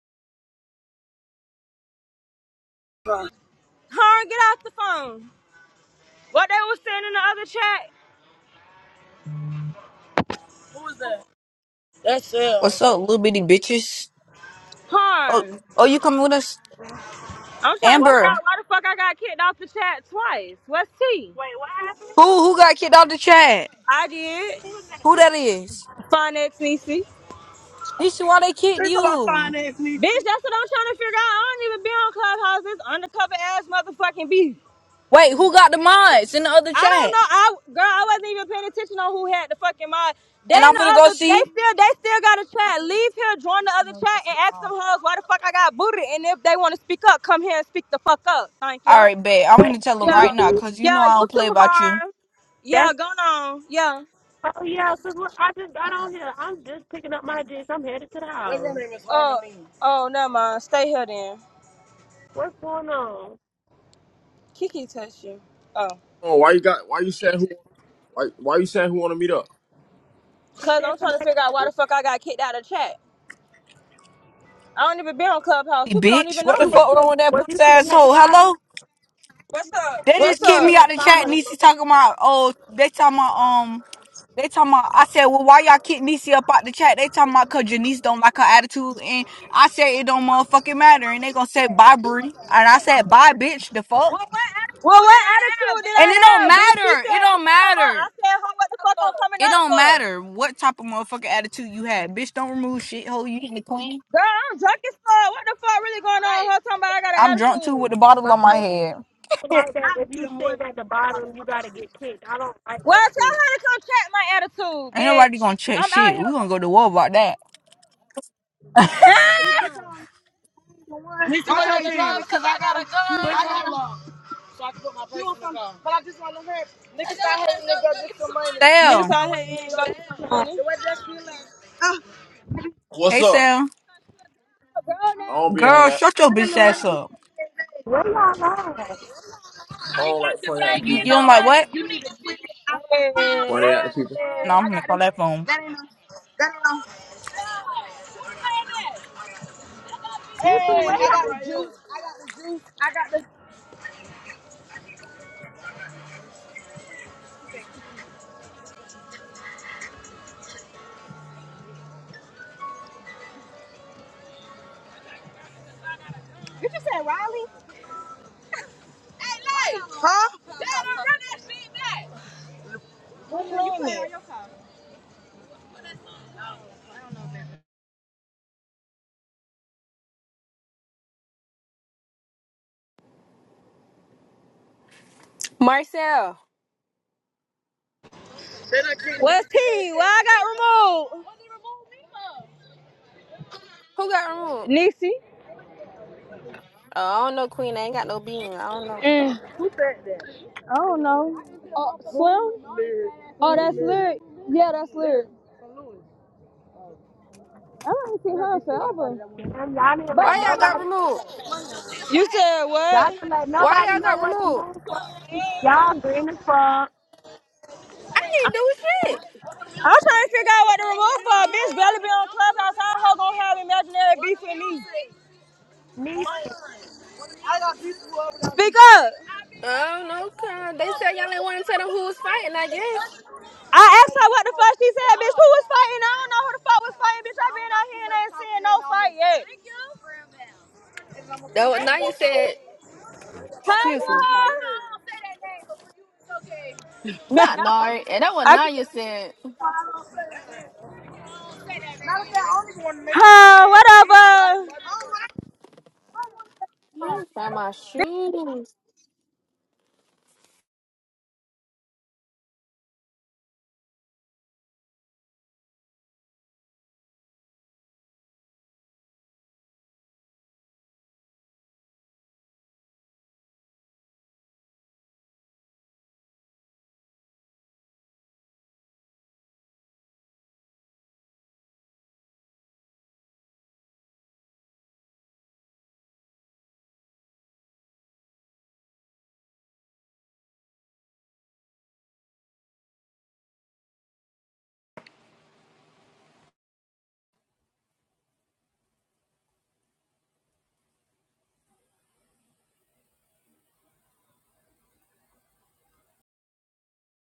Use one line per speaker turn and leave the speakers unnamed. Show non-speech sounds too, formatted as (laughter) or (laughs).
Harn, get off the phone. What they was saying in the other chat? That's
What's
it.
up, little bitty bitches? Oh,
Harn.
oh, you coming with us,
I'm trying to
What
figure
Amber?
out
happened?
why the fuck I got kicked off the chat twice. What's T?
Wait, what happened?
Who who got kicked out the chat?
I did.
Who was
Who that is?
Finance Niecy.
This is why they kicked
Think about
you.
finance, Nisi. Bitch, that's what I'm trying to figure out. I don't even be on Clubhouse. This undercover ass motherfucking beef.
Wait, who got the mods in the other
I don't
chat?
know. I girl, I wasn't even paying attention on who had the fucking mod. Then
And I'm
the
gonna go
other, they
see.
still, they still got a chat. Leave here, join the other chat, and ask them
All
hoes why the fuck I got booted. And if they want to speak up, come here and speak the fuck up. Thank you.
right, bet I'm
that?
gonna tell them
That's,
right
Yeah,
now, cause you know
yeah,
I
you
don't play
too
about you,
hard. Yeah,
That's
go on. Yeah.
oh yeah, cause what, I just got on here. I'm just picking up my dish. I'm headed to the
That girl
house.
name is Harmony. Oh, oh, never mind. Stay here then.
What's going on?
Kiki touched you. Oh,
Oh, why you got? Why you saying who? Why, why you saying who want to meet up?
She
cause
said
I'm trying to
somebody.
figure out why the fuck I got kicked out of chat. I don't even be on Clubhouse.
You
People don't
bitch.
even
What
know
the
You
me.
was
fuck
sitting.
wrong with that
Was you
pussy
sitting at the
asshole?
bottom?
Hello. What's up? They
Was
just
What's
you
kicked
sitting
me
up?
at
out
the
the chat.
bottom?
Nisi talking about oh they talking about um. They talking about, I said, well, why y'all kick Niecy up out the chat? They talking about cause Janice don't like her attitude. And I said, it don't motherfucking matter. And they gonna say, bye, Bree, And I said, bye, bitch, the fuck. Well, what
Well,
attitude did
what
I have,
attitude did
bitch? And
I
it don't
have? Bitch, she
matter. It
said you
don't
should come up.
matter.
I said, ho, what the fuck I'm coming
It
up
don't
for?
matter what type of motherfucking attitude you had. Bitch, don't remove shit, hoe. You ain't the queen.
Girl, I'm drunk as fuck. What the fuck really going on? Her talking about I got an
I'm drunk too
attitude.
with the bottle
My
on my
thing
head.
like that. If you sitting at the bottom, you gotta get kicked. I don't like
Well,
that
tell
shit.
her to come check my attitude,
Ain't nobody
bitch.
gonna check
I'm out
shit. We
here.
gonna go to war about that. (laughs)
Niggas out here drunk. Niggas out here. Niggas
Sal.
out here ain't gonna get some
Like,
money.
What's
Hey,
up?
Sal.
Girl,
I
now.
don't be on
Girl,
that.
shut your bitch ass up.
where y'all at?
I don't like funny acting
You
people.
don't like what?
Funny acting people.
No, I'm gonna call that phone.
Yeah, yeah.
Nikki,
Hey,
where
I got
y'all?
the juice. You just said Riley? Hey, Lee. Huh? They don't run that shit back.
Marcel,
What's he? Well, I got removed.
who got removed?
Nixie.
Oh, I don't know, Queen. I ain't got no bean. I don't know.
Mm. Who said that? I don't know. Uh, Slim? Oh, that's Lyric. Yeah, that's Lyric. I haven't seen her forever.
Damn, y'all didn't
But
let
Why y'all got
nobody.
um,
removed?
you said
Y'all
what?
didn't let
Why
nobody
y'all
know
got
what to
removed?
move for. Y'all green as fuck.
I ain't do shit.
I'm trying to figure out what to remove for. a Bitch, barely be on clubhouse. How her gonna have imaginary beef with me?
Me
I got beef with Speak up.
I don't know. Cause they said y'all ain't want to tell them who was fighting. I guess.
I asked her what the fuck she said, bitch. Who was fighting? I don't know who the fuck was fighting, bitch. i been out here and ain't seen no fight yet.
That what Naya said. Excuse me. Not Nari. And that what
Hello.
Naya
(laughs)
said.
I, huh, whatever.
Let me find my shoes.